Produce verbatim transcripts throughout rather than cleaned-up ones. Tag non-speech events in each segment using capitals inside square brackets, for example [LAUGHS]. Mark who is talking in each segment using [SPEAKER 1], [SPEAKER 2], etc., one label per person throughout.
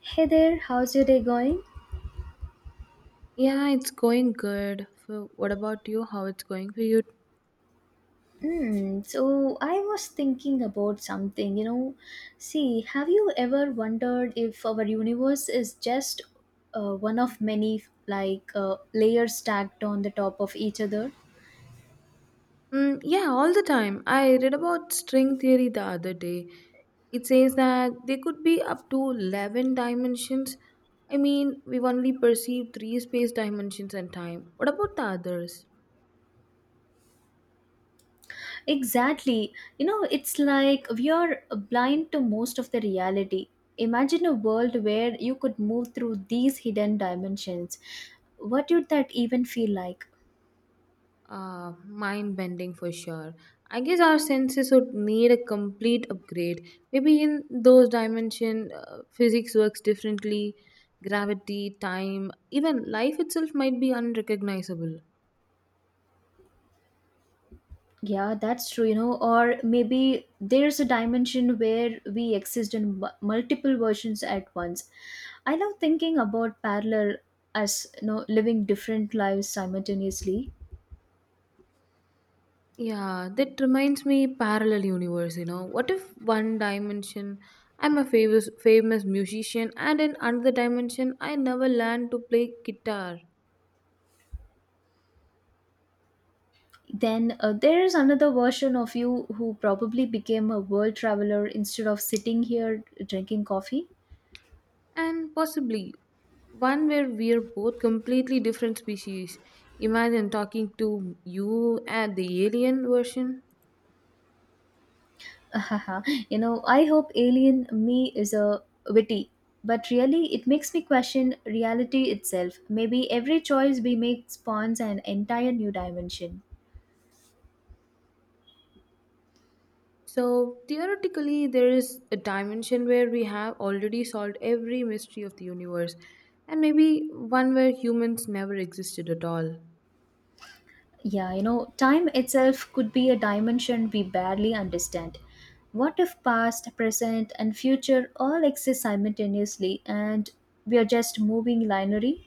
[SPEAKER 1] Hey there, how's your day going?
[SPEAKER 2] Yeah, it's going good. For, what about you? How it's going for you?
[SPEAKER 1] Hmm, so I was thinking about something, you know. See, have you ever wondered if our universe is just uh, one of many, like, uh, layers stacked on the top of each other?
[SPEAKER 2] Mm, yeah, all the time. I read about string theory the other day. It says that there could be up to eleven dimensions. I mean, we've only perceived three space dimensions and time. What about the others?
[SPEAKER 1] Exactly. You know, it's like we are blind to most of the reality. Imagine a world where you could move through these hidden dimensions. What would that even feel like?
[SPEAKER 2] Uh, mind bending for sure. I guess our senses would need a complete upgrade. Maybe in those dimension, uh, physics works differently. Gravity, time, even life itself might be unrecognizable.
[SPEAKER 1] Yeah, that's true, you know, or maybe there's a dimension where we exist in mu- multiple versions at once. I love thinking about parallel as you know, living different lives simultaneously.
[SPEAKER 2] Yeah, that reminds me parallel universe, you know. What if one dimension, I'm a famous famous musician and in another dimension I never learned to play guitar.
[SPEAKER 1] Then uh, there is another version of you who probably became a world traveler instead of sitting here drinking coffee.
[SPEAKER 2] And possibly one where we're both completely different species. Imagine talking to you and the alien version.
[SPEAKER 1] [LAUGHS] you know, I hope Alien Me is a witty, but really it makes me question reality itself. Maybe every choice we make spawns an entire new dimension.
[SPEAKER 2] So, theoretically, there is a dimension where we have already solved every mystery of the universe, and maybe one where humans never existed at all.
[SPEAKER 1] Yeah, you know, time itself could be a dimension we barely understand. What if past, present, and future all exist simultaneously and we are just moving linearly?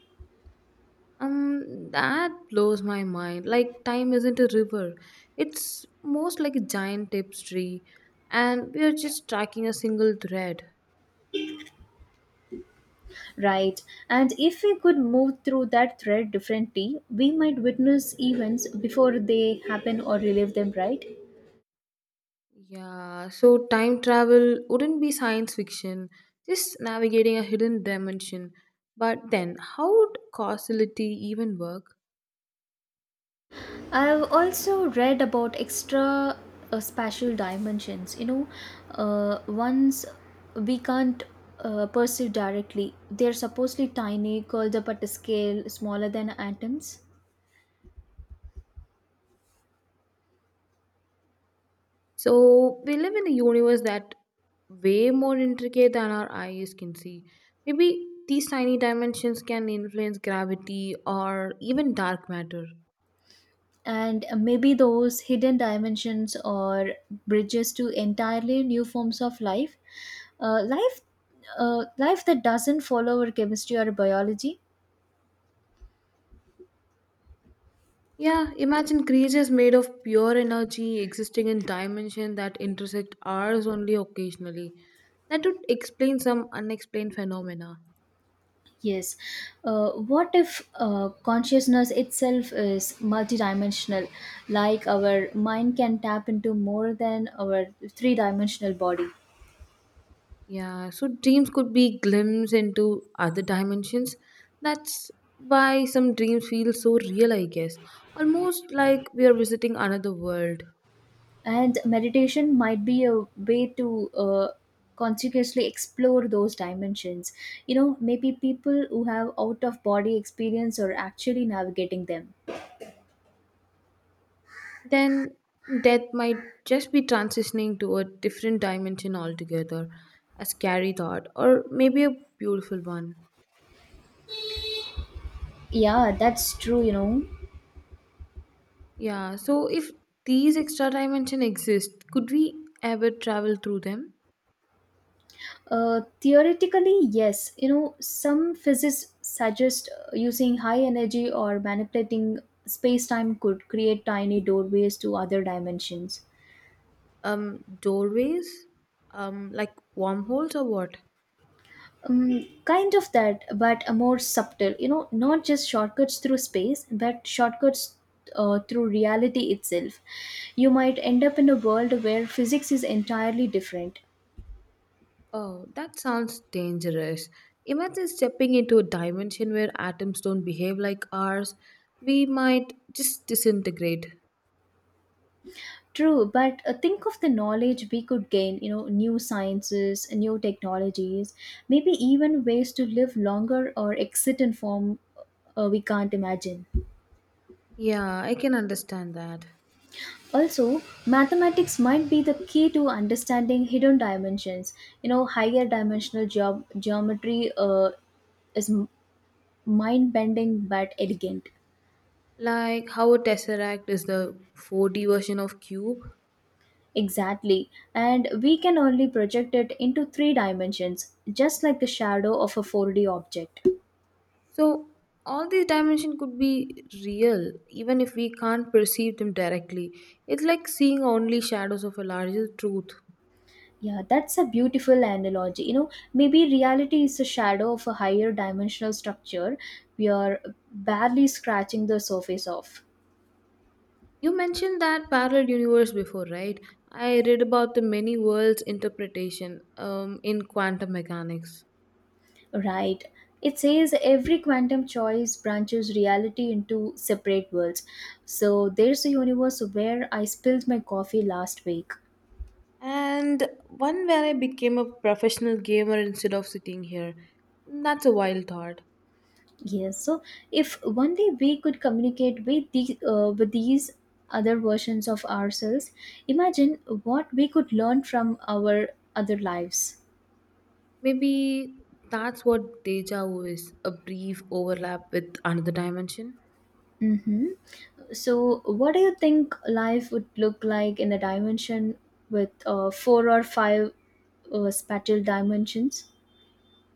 [SPEAKER 2] Um, that blows my mind. Like, time isn't a river, it's most like a giant tapestry, and we are just tracking a single thread.
[SPEAKER 1] Right. And if we could move through that thread differently, we might witness events before they happen or relive them, right?
[SPEAKER 2] Yeah, so time travel wouldn't be science fiction, just navigating a hidden dimension. But then, how would causality even work?
[SPEAKER 1] I've also read about extra uh, spatial dimensions. You know, uh, ones we can't uh, perceive directly. They're supposedly tiny, curled up at a scale smaller than atoms.
[SPEAKER 2] So, we live in a universe that way more intricate than our eyes can see. Maybe these tiny dimensions can influence gravity or even dark matter.
[SPEAKER 1] And uh, maybe those hidden dimensions or bridges to entirely new forms of life, uh, life uh, life that doesn't follow our chemistry or biology.
[SPEAKER 2] Yeah, imagine creatures made of pure energy existing in dimensions that intersect ours only occasionally. That would explain some unexplained phenomena.
[SPEAKER 1] Yes. uh, what if uh, consciousness itself is multidimensional, like our mind can tap into more than our three dimensional body.
[SPEAKER 2] Yeah, so dreams could be glimpses into other dimensions. That's why some dreams feel so real, I guess. Almost like we are visiting another world.
[SPEAKER 1] And meditation might be a way to uh, consciously explore those dimensions. You know, maybe people who have out of body experience are actually navigating them.
[SPEAKER 2] Then death might just be transitioning to a different dimension altogether. A scary thought, or maybe a beautiful one.
[SPEAKER 1] Yeah, that's true, you know
[SPEAKER 2] Yeah, so if these extra dimension exist, could we ever travel through them?
[SPEAKER 1] uh, theoretically yes, you know, some physicists suggest uh, using high energy or manipulating space-time could create tiny doorways to other dimensions.
[SPEAKER 2] Um, doorways? Um, like wormholes or what?
[SPEAKER 1] Um, kind of that, but a more subtle. You know, not just shortcuts through space, but shortcuts uh, through reality itself. You might end up in a world where physics is entirely different.
[SPEAKER 2] Oh, that sounds dangerous. Imagine stepping into a dimension where atoms don't behave like ours. We might just disintegrate.
[SPEAKER 1] True, but uh, think of the knowledge we could gain. You know, new sciences, new technologies, maybe even ways to live longer or exit in form uh, we can't imagine.
[SPEAKER 2] Yeah, I can understand that.
[SPEAKER 1] Also, mathematics might be the key to understanding hidden dimensions. You know, higher dimensional geom- geometry uh, is mind bending but elegant.
[SPEAKER 2] Like how a tesseract is the four D version of cube.
[SPEAKER 1] Exactly. And we can only project it into three dimensions, just like the shadow of a four D object.
[SPEAKER 2] So, all these dimensions could be real even if we can't perceive them directly. It's like seeing only shadows of a larger truth.
[SPEAKER 1] Yeah, that's a beautiful analogy. You know, maybe reality is a shadow of a higher dimensional structure we are barely scratching the surface of.
[SPEAKER 2] You mentioned that parallel universe before, right? I read about the many worlds interpretation um, in quantum mechanics.
[SPEAKER 1] Right. It says every quantum choice branches reality into separate worlds. So there's a universe where I spilled my coffee last week.
[SPEAKER 2] And one where I became a professional gamer instead of sitting here. That's a wild thought.
[SPEAKER 1] Yes. So if one day we could communicate with the uh, with these other versions of ourselves, imagine what we could learn from our other lives.
[SPEAKER 2] Maybe that's what deja vu is, a brief overlap with another dimension.
[SPEAKER 1] Mm-hmm. So what do you think life would look like in a dimension with uh, four or five uh, spatial dimensions?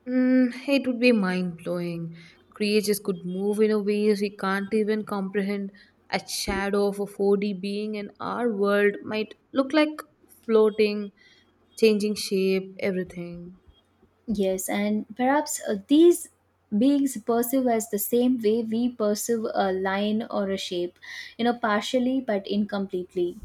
[SPEAKER 2] Mm, it would be mind blowing. Creatures could move in a ways we can't even comprehend. A shadow of a four D being in our world might look like floating, changing shape, everything.
[SPEAKER 1] Yes, and perhaps uh, these beings perceive us the same way we perceive a line or a shape, you know, partially but incompletely.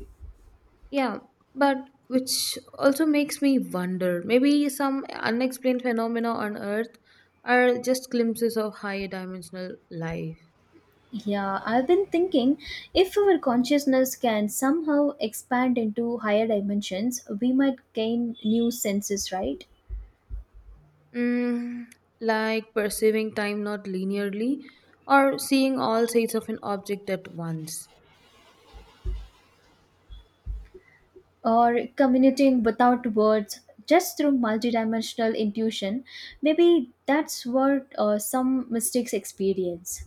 [SPEAKER 2] Yeah, but which also makes me wonder maybe some unexplained phenomena on Earth are just glimpses of higher dimensional life.
[SPEAKER 1] Yeah, I've been thinking, if our consciousness can somehow expand into higher dimensions, we might gain new senses, right?
[SPEAKER 2] Mm, like perceiving time not linearly or seeing all sides of an object at once.
[SPEAKER 1] Or communicating without words, just through multidimensional intuition. Maybe that's what uh, some mystics experience.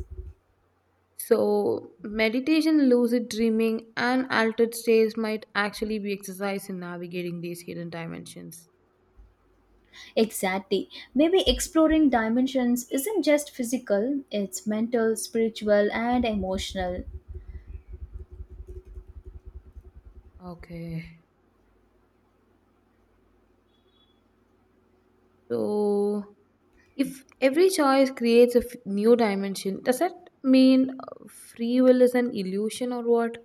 [SPEAKER 2] So, meditation, lucid dreaming, and altered states might actually be exercise in navigating these hidden dimensions.
[SPEAKER 1] Exactly. Maybe exploring dimensions isn't just physical, it's mental, spiritual, and emotional.
[SPEAKER 2] Okay. So, if every choice creates a f- new dimension, does that mean uh, free will is an illusion or what?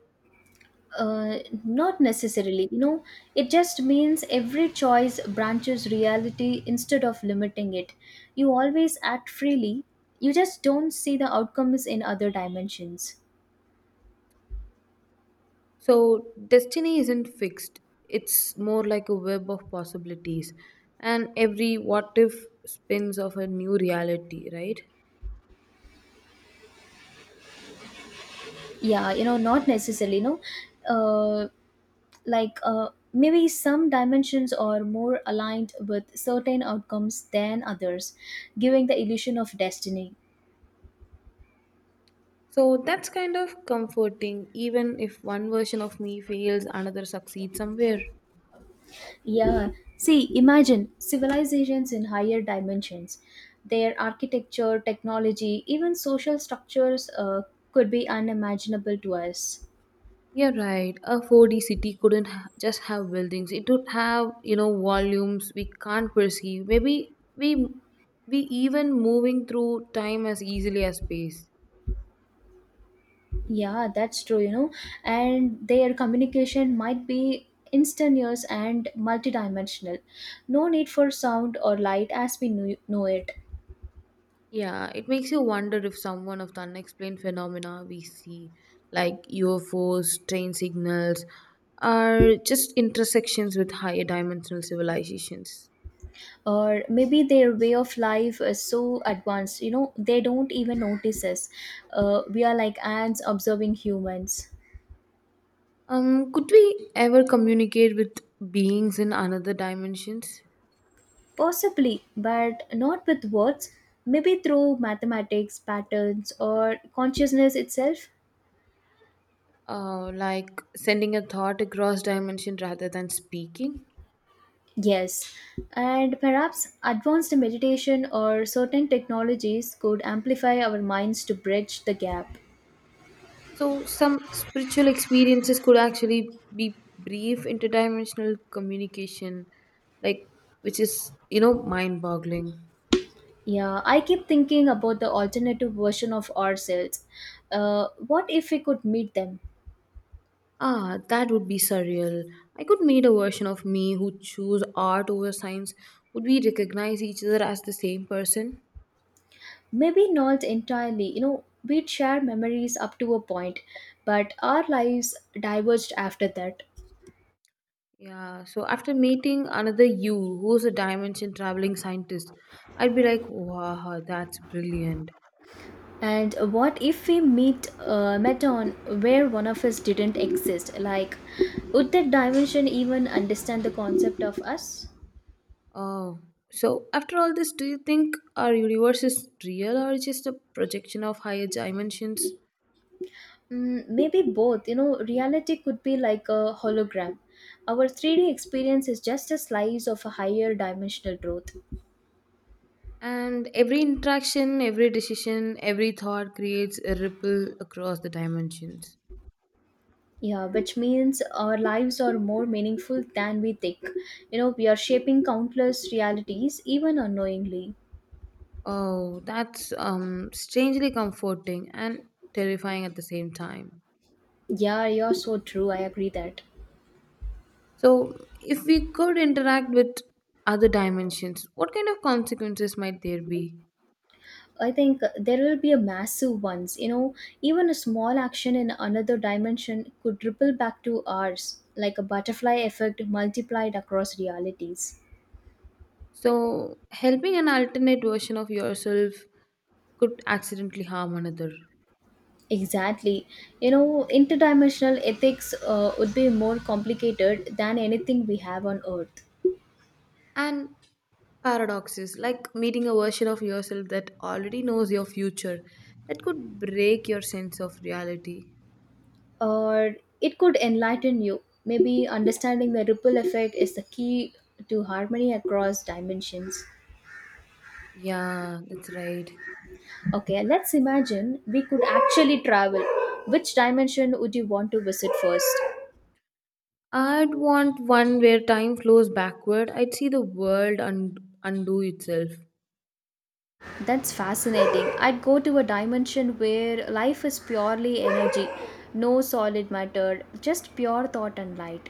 [SPEAKER 1] Uh, not necessarily, you know, it just means every choice branches reality instead of limiting it. You always act freely, you just don't see the outcomes in other dimensions.
[SPEAKER 2] So, destiny isn't fixed, it's more like a web of possibilities, and every what if spins of a new reality, right?
[SPEAKER 1] Yeah, you know, not necessarily, you know. Uh, like uh, maybe some dimensions are more aligned with certain outcomes than others, giving the illusion of destiny.
[SPEAKER 2] So, that's kind of comforting, even if one version of me fails, another succeeds somewhere.
[SPEAKER 1] Yeah. See, imagine civilizations in higher dimensions. Their architecture, technology, even social structures uh, could be unimaginable to us.
[SPEAKER 2] Yeah, right. A four D city couldn't ha- just have buildings. It would have, you know, volumes we can't perceive. Maybe we we even moving through time as easily as space.
[SPEAKER 1] Yeah, that's true, you know, and their communication might be instantaneous and multidimensional. No need for sound or light as we knew- know it.
[SPEAKER 2] Yeah, it makes you wonder if someone of the unexplained phenomena we see, like U F Os, train signals, are just intersections with higher dimensional civilizations.
[SPEAKER 1] Or maybe their way of life is so advanced, you know, they don't even notice us. uh, we are like ants observing humans.
[SPEAKER 2] Um, could we ever communicate with beings in another dimensions?
[SPEAKER 1] Possibly, but not with words. Maybe through mathematics, patterns, or consciousness itself.
[SPEAKER 2] Uh, like sending a thought across dimension rather than speaking.
[SPEAKER 1] Yes, and perhaps advanced meditation or certain technologies could amplify our minds to bridge the gap.
[SPEAKER 2] So some spiritual experiences could actually be brief interdimensional communication, like which is you know mind boggling.
[SPEAKER 1] Yeah, I keep thinking about the alternative version of ourselves. uh, what if we could meet them?
[SPEAKER 2] Ah, that would be surreal. I could made a version of me who choose art over science. Would we recognize each other as the same person?
[SPEAKER 1] Maybe not entirely. You know, we'd share memories up to a point, but our lives diverged after that.
[SPEAKER 2] Yeah, so after meeting another you who's a dimension traveling scientist, I'd be like, wow, that's brilliant.
[SPEAKER 1] And what if we meet uh, met on where one of us didn't exist? Like, would that dimension even understand the concept of us?
[SPEAKER 2] Oh, so after all this, do you think our universe is real or just a projection of higher dimensions?
[SPEAKER 1] Mm, maybe both. You know, reality could be like a hologram. Our three D experience is just a slice of a higher dimensional truth.
[SPEAKER 2] And every interaction, every decision, every thought creates a ripple across the dimensions.
[SPEAKER 1] Yeah, which means our lives are more meaningful than we think. You know, we are shaping countless realities, even unknowingly.
[SPEAKER 2] Oh, that's um, strangely comforting and terrifying at the same time.
[SPEAKER 1] Yeah, you're so true. I agree that.
[SPEAKER 2] So, if we could interact with other dimensions, what kind of consequences might there be?
[SPEAKER 1] I think there will be a massive ones. You know, even a small action in another dimension could ripple back to ours, like a butterfly effect multiplied across realities.
[SPEAKER 2] So, helping an alternate version of yourself could accidentally harm another.
[SPEAKER 1] Exactly. You know, interdimensional ethics uh, would be more complicated than anything we have on Earth.
[SPEAKER 2] And paradoxes, like meeting a version of yourself that already knows your future, that could break your sense of reality.
[SPEAKER 1] Or it could enlighten you. Maybe understanding the ripple effect is the key to harmony across dimensions.
[SPEAKER 2] Yeah, that's right.
[SPEAKER 1] Okay, let's imagine we could actually travel. Which dimension would you want to visit first?
[SPEAKER 2] I'd want one where time flows backward. I'd see the world und- undo itself.
[SPEAKER 1] That's fascinating. I'd go to a dimension where life is purely energy, no solid matter, just pure thought and light.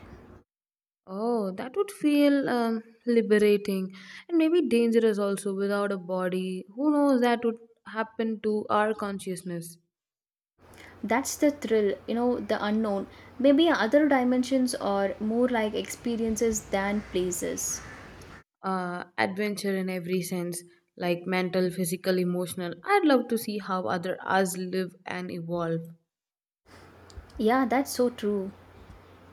[SPEAKER 2] Oh, that would feel um, liberating and maybe dangerous also without a body. Who knows that would happen to our consciousness?
[SPEAKER 1] That's the thrill, you know, the unknown. Maybe other dimensions are more like experiences than places.
[SPEAKER 2] Uh, adventure in every sense, like mental, physical, emotional. I'd love to see how other us live and evolve.
[SPEAKER 1] Yeah, that's so true.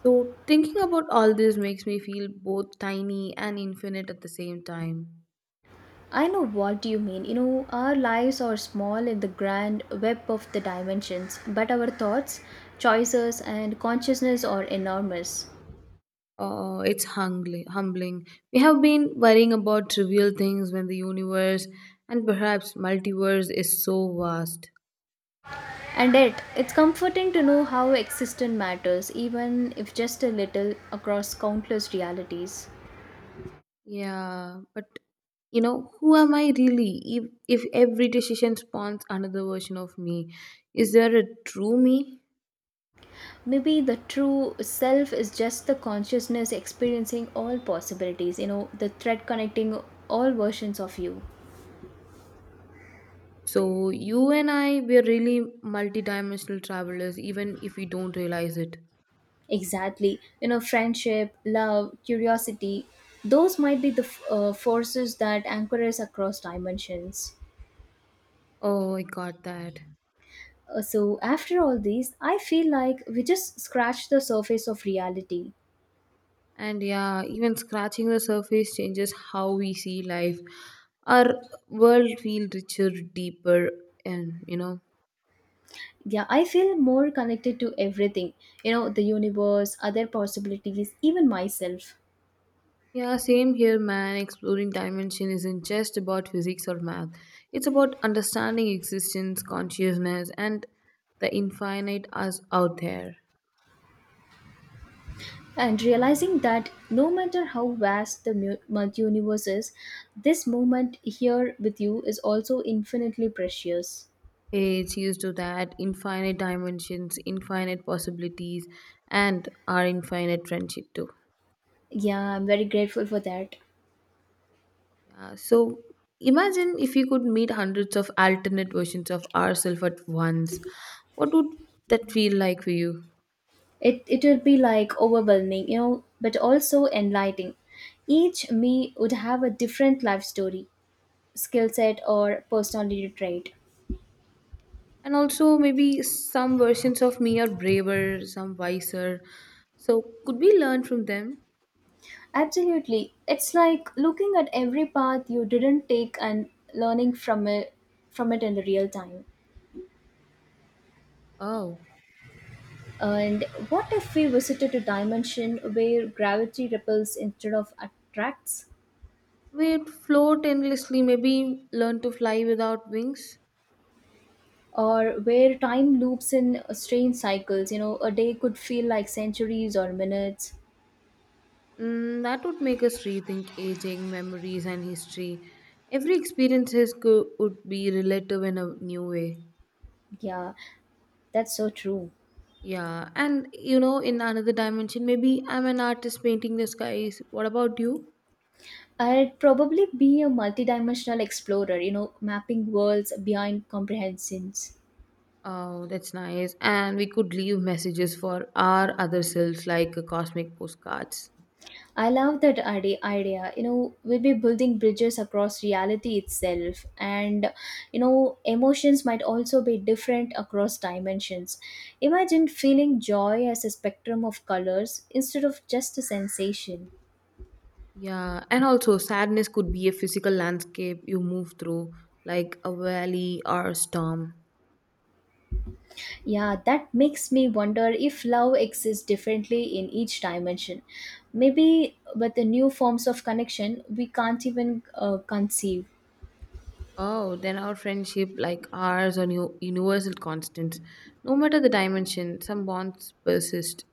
[SPEAKER 2] So, thinking about all this makes me feel both tiny and infinite at the same time.
[SPEAKER 1] I know what you mean. You know, our lives are small in the grand web of the dimensions, but our thoughts, choices, and consciousness are enormous.
[SPEAKER 2] Oh, it's humbling. Humbling. We have been worrying about trivial things when the universe and perhaps multiverse is so vast.
[SPEAKER 1] And yet, it's comforting to know how existence matters, even if just a little, across countless realities.
[SPEAKER 2] Yeah, but you know, who am I really? If if every decision spawns another version of me, is there a true me?
[SPEAKER 1] Maybe the true self is just the consciousness experiencing all possibilities, you know, the thread connecting all versions of you.
[SPEAKER 2] So you and I, we're really multidimensional travelers, even if we don't realize it.
[SPEAKER 1] Exactly. You know, friendship, love, curiosity, those might be the f- uh, forces that anchor us across dimensions.
[SPEAKER 2] Oh, I got that.
[SPEAKER 1] Uh, so, after all these, I feel like we just scratched the surface of reality.
[SPEAKER 2] And yeah, even scratching the surface changes how we see life. Our world feels richer, deeper, and you know.
[SPEAKER 1] Yeah, I feel more connected to everything, you know, the universe, other possibilities, even myself.
[SPEAKER 2] Yeah, same here, man. Exploring dimension isn't just about physics or math, it's about understanding existence, consciousness, and the infinite us out there.
[SPEAKER 1] And realizing that no matter how vast the mu- multi- universe is, this moment here with you is also infinitely precious.
[SPEAKER 2] Hey, cheers to that. Infinite dimensions, infinite possibilities, and our infinite friendship too.
[SPEAKER 1] Yeah, I'm very grateful for that.
[SPEAKER 2] Yeah, so imagine if you could meet hundreds of alternate versions of ourselves at once. What would that feel like for you?
[SPEAKER 1] It it will be like overwhelming, you know, but also enlightening. Each me would have a different life story, skill set, or personality trait.
[SPEAKER 2] And also, maybe some versions of me are braver, some wiser. So, could we learn from them?
[SPEAKER 1] Absolutely. It's like looking at every path you didn't take and learning from it from it in the real time.
[SPEAKER 2] Oh,
[SPEAKER 1] And what if we visited a dimension where gravity repels instead of attracts?
[SPEAKER 2] we'd float endlessly, maybe learn to fly without wings.
[SPEAKER 1] Or where time loops in strange cycles. You know, a day could feel like centuries or minutes.
[SPEAKER 2] Mm, that would make us rethink aging, memories, and history. Every experience is go- would be relative in a new way.
[SPEAKER 1] Yeah, that's so true.
[SPEAKER 2] Yeah, and you know, in another dimension, maybe I'm an artist painting the skies. What about you?
[SPEAKER 1] I'd probably be a multidimensional explorer, you know, mapping worlds beyond comprehensions.
[SPEAKER 2] Oh, that's nice. And we could leave messages for our other selves like uh, cosmic postcards.
[SPEAKER 1] I love that ide- idea. You know, we'll be building bridges across reality itself, and you know, emotions might also be different across dimensions. Imagine feeling joy as a spectrum of colors instead of just a sensation.
[SPEAKER 2] Yeah, and also sadness could be a physical landscape you move through, like a valley or a storm.
[SPEAKER 1] Yeah, that makes me wonder if love exists differently in each dimension. Maybe with the new forms of connection, we can't even uh, conceive.
[SPEAKER 2] Oh, then our friendship, like ours, are new universal constants. No matter the dimension, some bonds persist.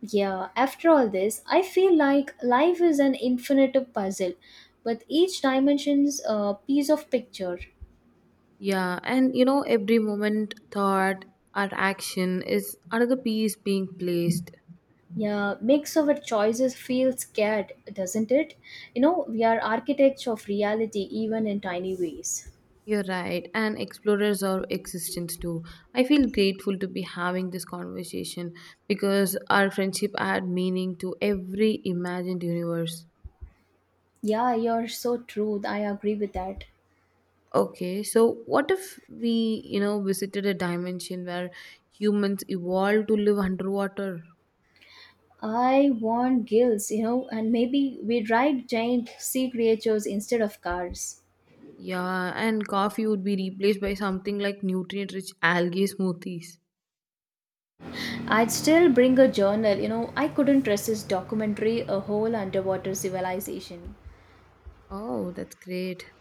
[SPEAKER 1] Yeah, after all this, I feel like life is an infinite puzzle, with each dimension's uh, piece of picture.
[SPEAKER 2] Yeah, and you know, every moment, thought, or action is another piece being placed.
[SPEAKER 1] Yeah, makes our choices feel scared, doesn't it? You know, we are architects of reality even in tiny ways.
[SPEAKER 2] You're right, and explorers of existence too. I feel grateful to be having this conversation because our friendship add meaning to every imagined universe.
[SPEAKER 1] Yeah, you're so true. I agree with that.
[SPEAKER 2] Okay, so what if we, you know, visited a dimension where humans evolved to live underwater?
[SPEAKER 1] I want gills, you know, and maybe we'd ride giant sea creatures instead of cars.
[SPEAKER 2] Yeah, and coffee would be replaced by something like nutrient rich algae smoothies.
[SPEAKER 1] I'd still bring a journal, you know, I couldn't resist documentary a whole underwater civilization.
[SPEAKER 2] Oh, that's great.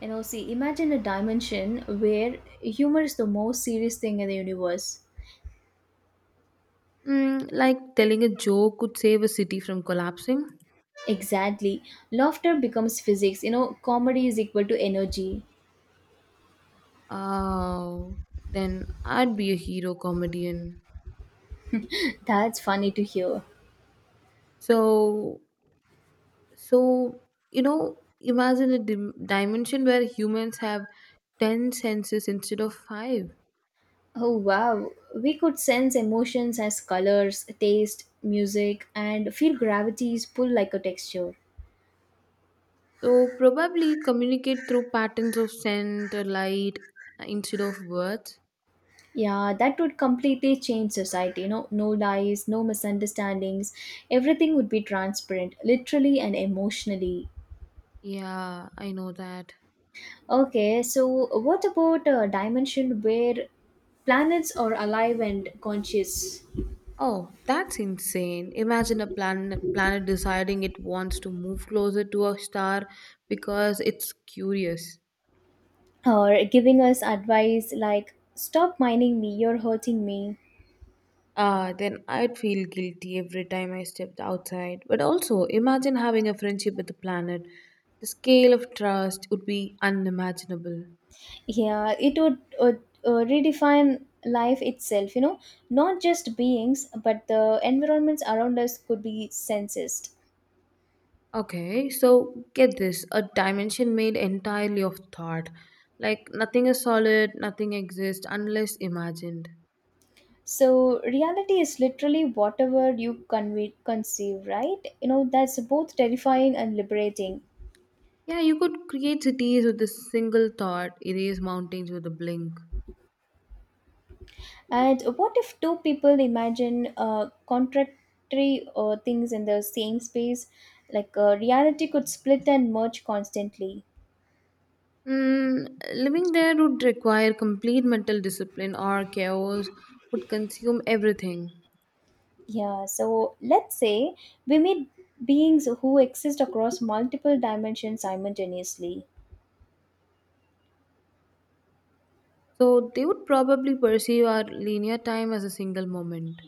[SPEAKER 1] You know, see, imagine a dimension where humor is the most serious thing in the universe.
[SPEAKER 2] Mm, like telling a joke could save a city from collapsing.
[SPEAKER 1] Exactly. Laughter becomes physics, you know, comedy is equal to energy.
[SPEAKER 2] Oh, then I'd be a hero comedian.
[SPEAKER 1] [LAUGHS] That's funny to hear.
[SPEAKER 2] So, so you know, imagine a dim- dimension where humans have ten senses instead of five.
[SPEAKER 1] Oh wow, we could sense emotions as colors, taste, music, and feel gravity's pull like a texture.
[SPEAKER 2] So, probably communicate through patterns of scent or light uh, instead of words.
[SPEAKER 1] Yeah, that would completely change society. You know, no lies, no misunderstandings. Everything would be transparent, literally and emotionally.
[SPEAKER 2] Yeah, I know that.
[SPEAKER 1] Okay, so what about a dimension where planets are alive and conscious,
[SPEAKER 2] Oh, that's insane. Imagine a planet, planet deciding it wants to move closer to a star because it's curious.
[SPEAKER 1] or giving us advice like "Stop mining me, you're hurting me."
[SPEAKER 2] Ah, then I'd feel guilty every time I stepped outside. But also, imagine having a friendship with the planet. The scale of trust would be unimaginable.
[SPEAKER 1] Yeah, it would uh, uh, redefine life itself, you know, not just beings, but the environments around us could be sensed.
[SPEAKER 2] Okay, so get this, a dimension made entirely of thought. Like, nothing is solid, nothing exists unless imagined.
[SPEAKER 1] So, reality is literally whatever you conve- conceive, right? You know, that's both terrifying and liberating.
[SPEAKER 2] Yeah, you could create cities with a single thought, erase mountains with a blink.
[SPEAKER 1] And what if two people imagine uh, contradictory uh, things in the same space? Like, uh, reality could split and merge constantly.
[SPEAKER 2] Mm, Living there would require complete mental discipline, or chaos would consume everything.
[SPEAKER 1] Yeah, so let's say we meet beings who exist across multiple dimensions simultaneously,
[SPEAKER 2] So they would probably perceive our linear time as a single moment.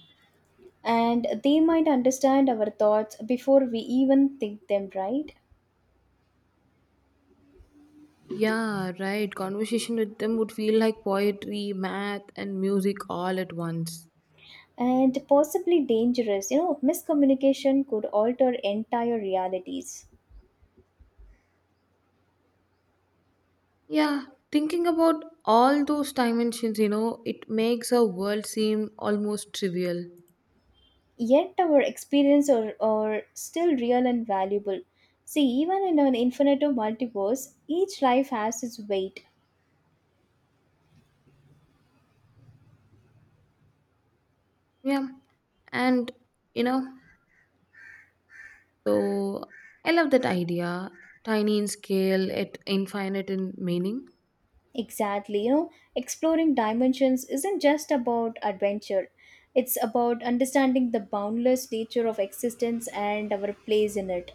[SPEAKER 1] and they might understand our thoughts before we even think them, right?
[SPEAKER 2] Yeah, right. Conversation with them would feel like poetry, math, and music all at once.
[SPEAKER 1] And possibly dangerous, you know, miscommunication could alter entire realities.
[SPEAKER 2] Yeah, thinking about all those dimensions, you know, it makes our world seem almost trivial.
[SPEAKER 1] Yet our experience are, are still real and valuable. See, even in an infinite multiverse, each life has its weight.
[SPEAKER 2] Yeah, and you know so I love that idea, tiny in scale, it infinite in meaning,
[SPEAKER 1] Exactly. You know, exploring dimensions isn't just about adventure, it's about understanding the boundless nature of existence and our place in it.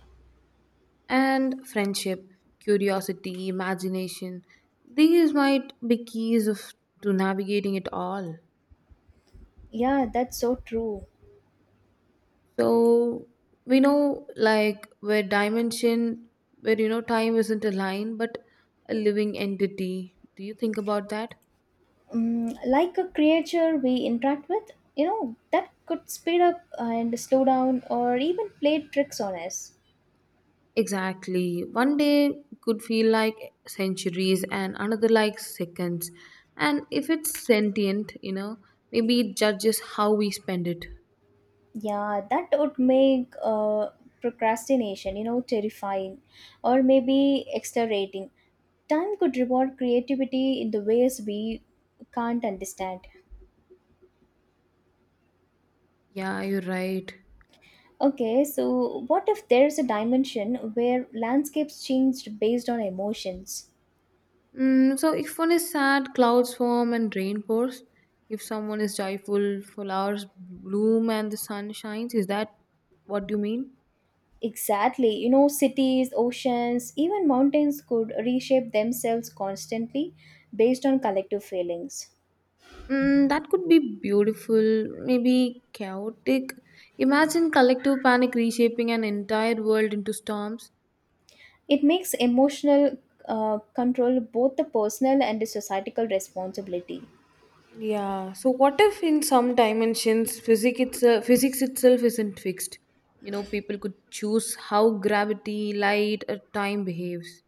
[SPEAKER 2] and friendship, curiosity, imagination, these might be keys of to navigating it all.
[SPEAKER 1] Yeah, that's so true.
[SPEAKER 2] So we know, like, where dimension, where you know time isn't a line but a living entity. Do you think about that?
[SPEAKER 1] Mm, like a creature we interact with, you know, that could speed up and slow down or even play tricks on us.
[SPEAKER 2] Exactly. One day could feel like centuries and another like seconds. And if it's sentient, you know, maybe it judges how we spend it.
[SPEAKER 1] Yeah, that would make uh, procrastination, you know, terrifying, or maybe exhilarating. Time could reward creativity in the ways we can't understand.
[SPEAKER 2] Yeah, you're right.
[SPEAKER 1] Okay, so what if there's a dimension where landscapes changed based on emotions?
[SPEAKER 2] Mm, so if one is sad, clouds form and rain pours. If someone is joyful, flowers bloom and the sun shines. Is that what you mean?
[SPEAKER 1] Exactly. You know, cities, oceans, even mountains could reshape themselves constantly based on collective feelings.
[SPEAKER 2] Mm, that could be beautiful, maybe chaotic. Imagine collective panic reshaping an entire world into storms.
[SPEAKER 1] It makes emotional uh, control both the personal and the societal responsibility.
[SPEAKER 2] Yeah. So what if in some dimensions physics itself physics itself isn't fixed? You know, people could choose how gravity, light, or time behaves.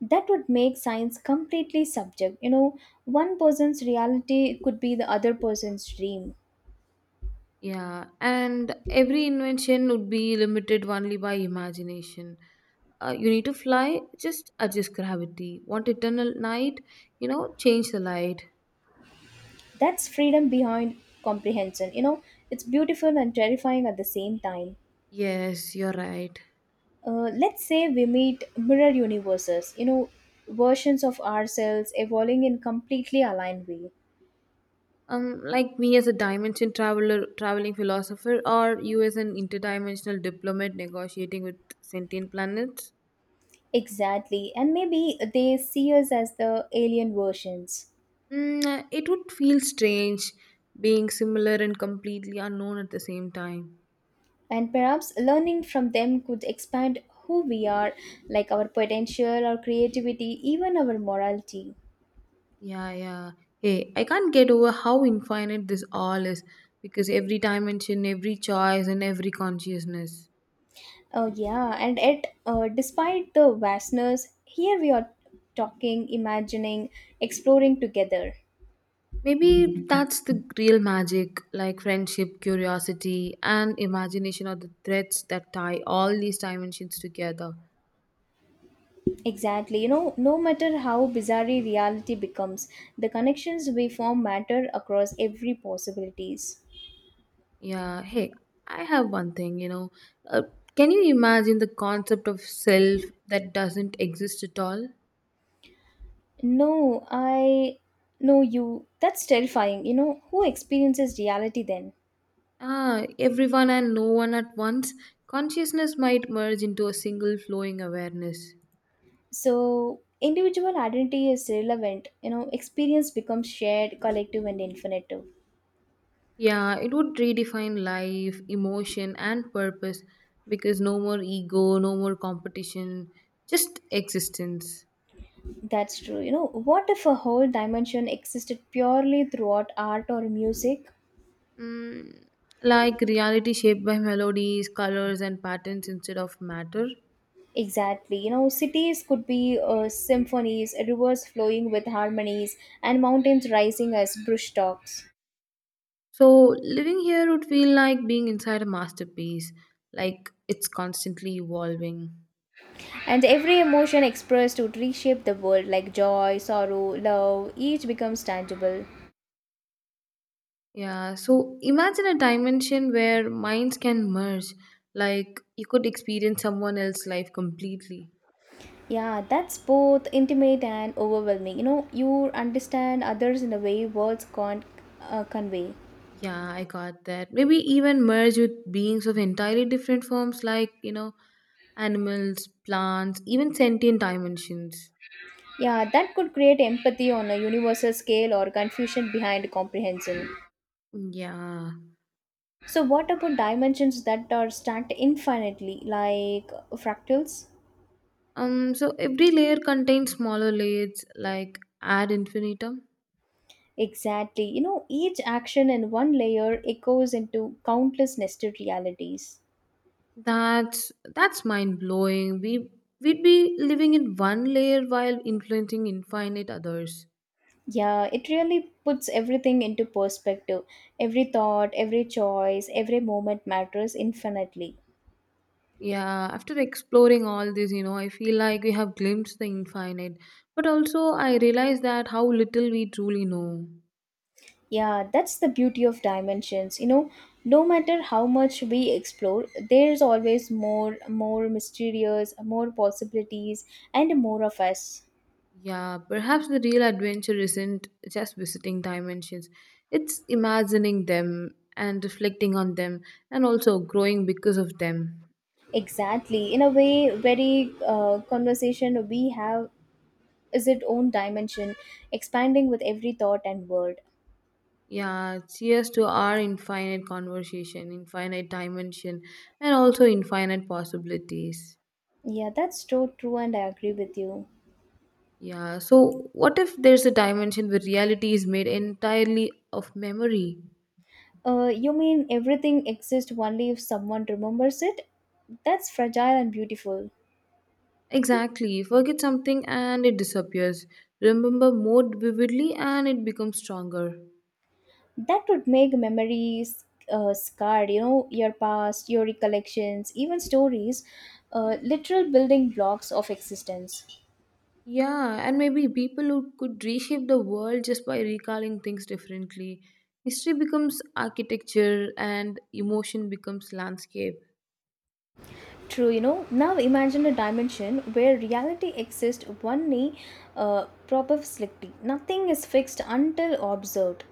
[SPEAKER 1] That would make science completely subject, you know one person's reality could be the other person's dream.
[SPEAKER 2] Yeah, and every invention would be limited only by imagination. Uh, you need to fly, just adjust gravity. Want eternal night? You know, change the light.
[SPEAKER 1] That's freedom behind comprehension you know It's beautiful and terrifying at the same time.
[SPEAKER 2] Yes, you're right.
[SPEAKER 1] Uh, let's say we meet mirror universes, you know versions of ourselves evolving in completely aligned way.
[SPEAKER 2] Um, like me as a dimension traveler, traveling philosopher, or you as an interdimensional diplomat negotiating with sentient planets.
[SPEAKER 1] Exactly, and maybe they see us as the alien versions.
[SPEAKER 2] Mm, uh, it would feel strange being similar and completely unknown at the same time.
[SPEAKER 1] And perhaps learning from them could expand who we are, like our potential, our creativity, even our morality.
[SPEAKER 2] Yeah, yeah. Hey, I can't get over how infinite this all is, because every dimension, every choice, and every consciousness.
[SPEAKER 1] Oh, yeah, and yet, uh, despite the vastness, here we are talking, imagining, exploring together.
[SPEAKER 2] Maybe that's the real magic, like friendship, curiosity, and imagination are the threads that tie all these dimensions together.
[SPEAKER 1] Exactly, you know, no matter how bizarre reality becomes, the connections we form matter across every possibilities.
[SPEAKER 2] Yeah, hey, I have one thing, you know. Uh, can you imagine the concept of self that doesn't exist at all?
[SPEAKER 1] No, I know you. That's terrifying. You know, who experiences reality then?
[SPEAKER 2] Ah, everyone and no one at once, consciousness might merge into a single flowing awareness.
[SPEAKER 1] So individual identity is relevant, you know experience becomes shared, collective, and infinite.
[SPEAKER 2] Yeah, it would redefine life, emotion, and purpose because no more ego, no more competition, just existence.
[SPEAKER 1] That's true. You know, what if a whole dimension existed purely throughout art or music?
[SPEAKER 2] Mm, like reality shaped by melodies, colors, and patterns instead of matter.
[SPEAKER 1] Exactly. You know, cities could be uh, symphonies, rivers flowing with harmonies, and mountains rising as brush talks.
[SPEAKER 2] So, living here would feel like being inside a masterpiece, like it's constantly evolving.
[SPEAKER 1] And every emotion expressed would reshape the world, like joy, sorrow, love, each becomes tangible.
[SPEAKER 2] Yeah, so imagine a dimension where minds can merge, like you could experience someone else's life completely.
[SPEAKER 1] Yeah, that's both intimate and overwhelming. You know, you understand others in a way words can't uh, convey.
[SPEAKER 2] Yeah, I got that. Maybe even merge with beings of entirely different forms, like, you know, animals, plants, even sentient dimensions.
[SPEAKER 1] Yeah, that could create empathy on a universal scale or confusion behind comprehension.
[SPEAKER 2] Yeah.
[SPEAKER 1] So, what about dimensions that are stacked infinitely, like fractals?
[SPEAKER 2] Um, so every layer contains smaller layers like ad infinitum.
[SPEAKER 1] Exactly. You know, each action in one layer echoes into countless nested realities.
[SPEAKER 2] That's that's mind blowing. We we'd be living in one layer while influencing infinite others.
[SPEAKER 1] Yeah, it really puts everything into perspective. Every thought, every choice, every moment matters infinitely.
[SPEAKER 2] Yeah, after exploring all this, you know, I feel like we have glimpsed the infinite, but also I realize that how little we truly know.
[SPEAKER 1] Yeah, that's the beauty of dimensions. You know, no matter how much we explore, there's always more, more mysterious, more possibilities, and more of us.
[SPEAKER 2] Yeah, perhaps the real adventure isn't just visiting dimensions, it's imagining them and reflecting on them and also growing because of them.
[SPEAKER 1] Exactly. In a way, very uh, conversation we have is its own dimension, expanding with every thought and word.
[SPEAKER 2] Yeah, cheers to our infinite conversation, infinite dimension, and also infinite possibilities.
[SPEAKER 1] Yeah, that's so true, and I agree with you.
[SPEAKER 2] Yeah, so what if there's a dimension where reality is made entirely of memory?
[SPEAKER 1] Uh, you mean everything exists only if someone remembers it? That's fragile and beautiful.
[SPEAKER 2] Exactly. Forget something and it disappears. Remember more vividly and it becomes stronger.
[SPEAKER 1] That would make memories uh, scarred, you know, your past, your recollections, even stories, uh, literal building blocks of existence.
[SPEAKER 2] Yeah, and maybe people who could reshape the world just by recalling things differently. History becomes architecture and emotion becomes landscape.
[SPEAKER 1] True, you know. Now imagine a dimension where reality exists only uh, probabilistically. Nothing is fixed until observed.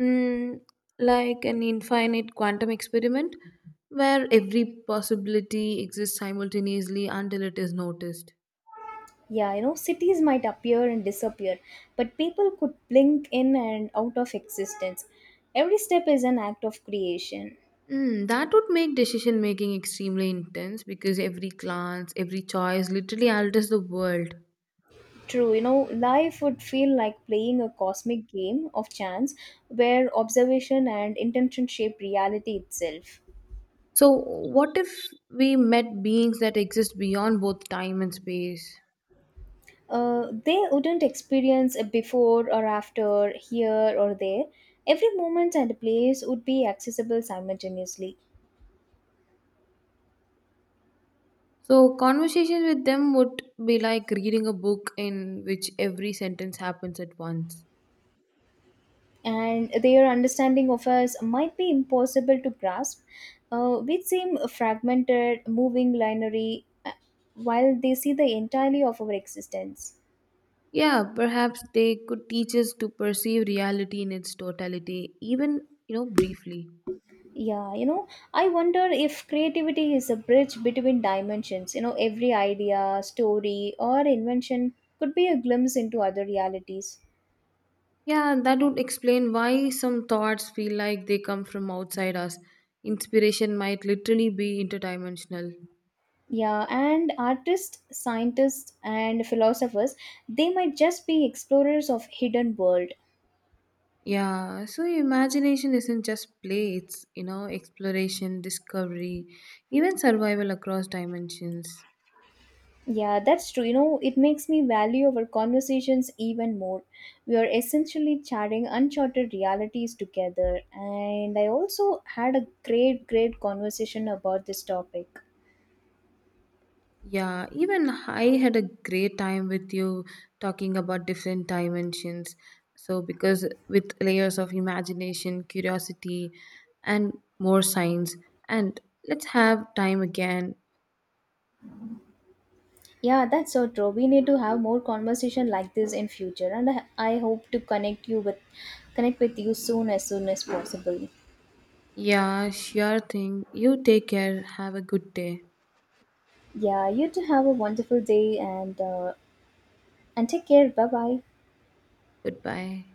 [SPEAKER 2] Mm, like an infinite quantum experiment where every possibility exists simultaneously until it is noticed.
[SPEAKER 1] Yeah, you know, cities might appear and disappear, but people could blink in and out of existence. Every step is an act of creation.
[SPEAKER 2] Mm, that would make decision making extremely intense because every glance, every choice literally alters the world.
[SPEAKER 1] True, you know, life would feel like playing a cosmic game of chance where observation and intention shape reality itself.
[SPEAKER 2] So, what if we met beings that exist beyond both time and space?
[SPEAKER 1] Uh, they wouldn't experience a before or after, here or there. Every moment and place would be accessible simultaneously.
[SPEAKER 2] So, conversation with them would be like reading a book in which every sentence happens at once.
[SPEAKER 1] And their understanding of us might be impossible to grasp. Uh, we seem fragmented, moving, lineary, uh, while they see the entirety of our existence.
[SPEAKER 2] Yeah, perhaps they could teach us to perceive reality in its totality, even, you know, briefly.
[SPEAKER 1] Yeah, you know, I wonder if creativity is a bridge between dimensions. You know, every idea, story, or invention could be a glimpse into other realities.
[SPEAKER 2] Yeah, that would explain why some thoughts feel like they come from outside us. Inspiration might literally be interdimensional.
[SPEAKER 1] Yeah, and artists, scientists, and philosophers, they might just be explorers of hidden world.
[SPEAKER 2] Yeah, so imagination isn't just play, it's, you know, exploration, discovery, even survival across dimensions.
[SPEAKER 1] Yeah, that's true. You know, it makes me value our conversations even more. We are essentially chatting uncharted realities together. And I also had a great, great conversation about this topic.
[SPEAKER 2] Yeah, even I had a great time with you talking about different dimensions. So, because with layers of imagination, curiosity, and more science, and let's have time again.
[SPEAKER 1] Yeah, that's so true. We need to have more conversation like this in future. And I, I hope to connect you with connect with you soon, as soon as possible.
[SPEAKER 2] Yeah, sure thing. You take care. Have a good day.
[SPEAKER 1] Yeah, you too, have a wonderful day, and uh, and take care. Bye bye.
[SPEAKER 2] Goodbye.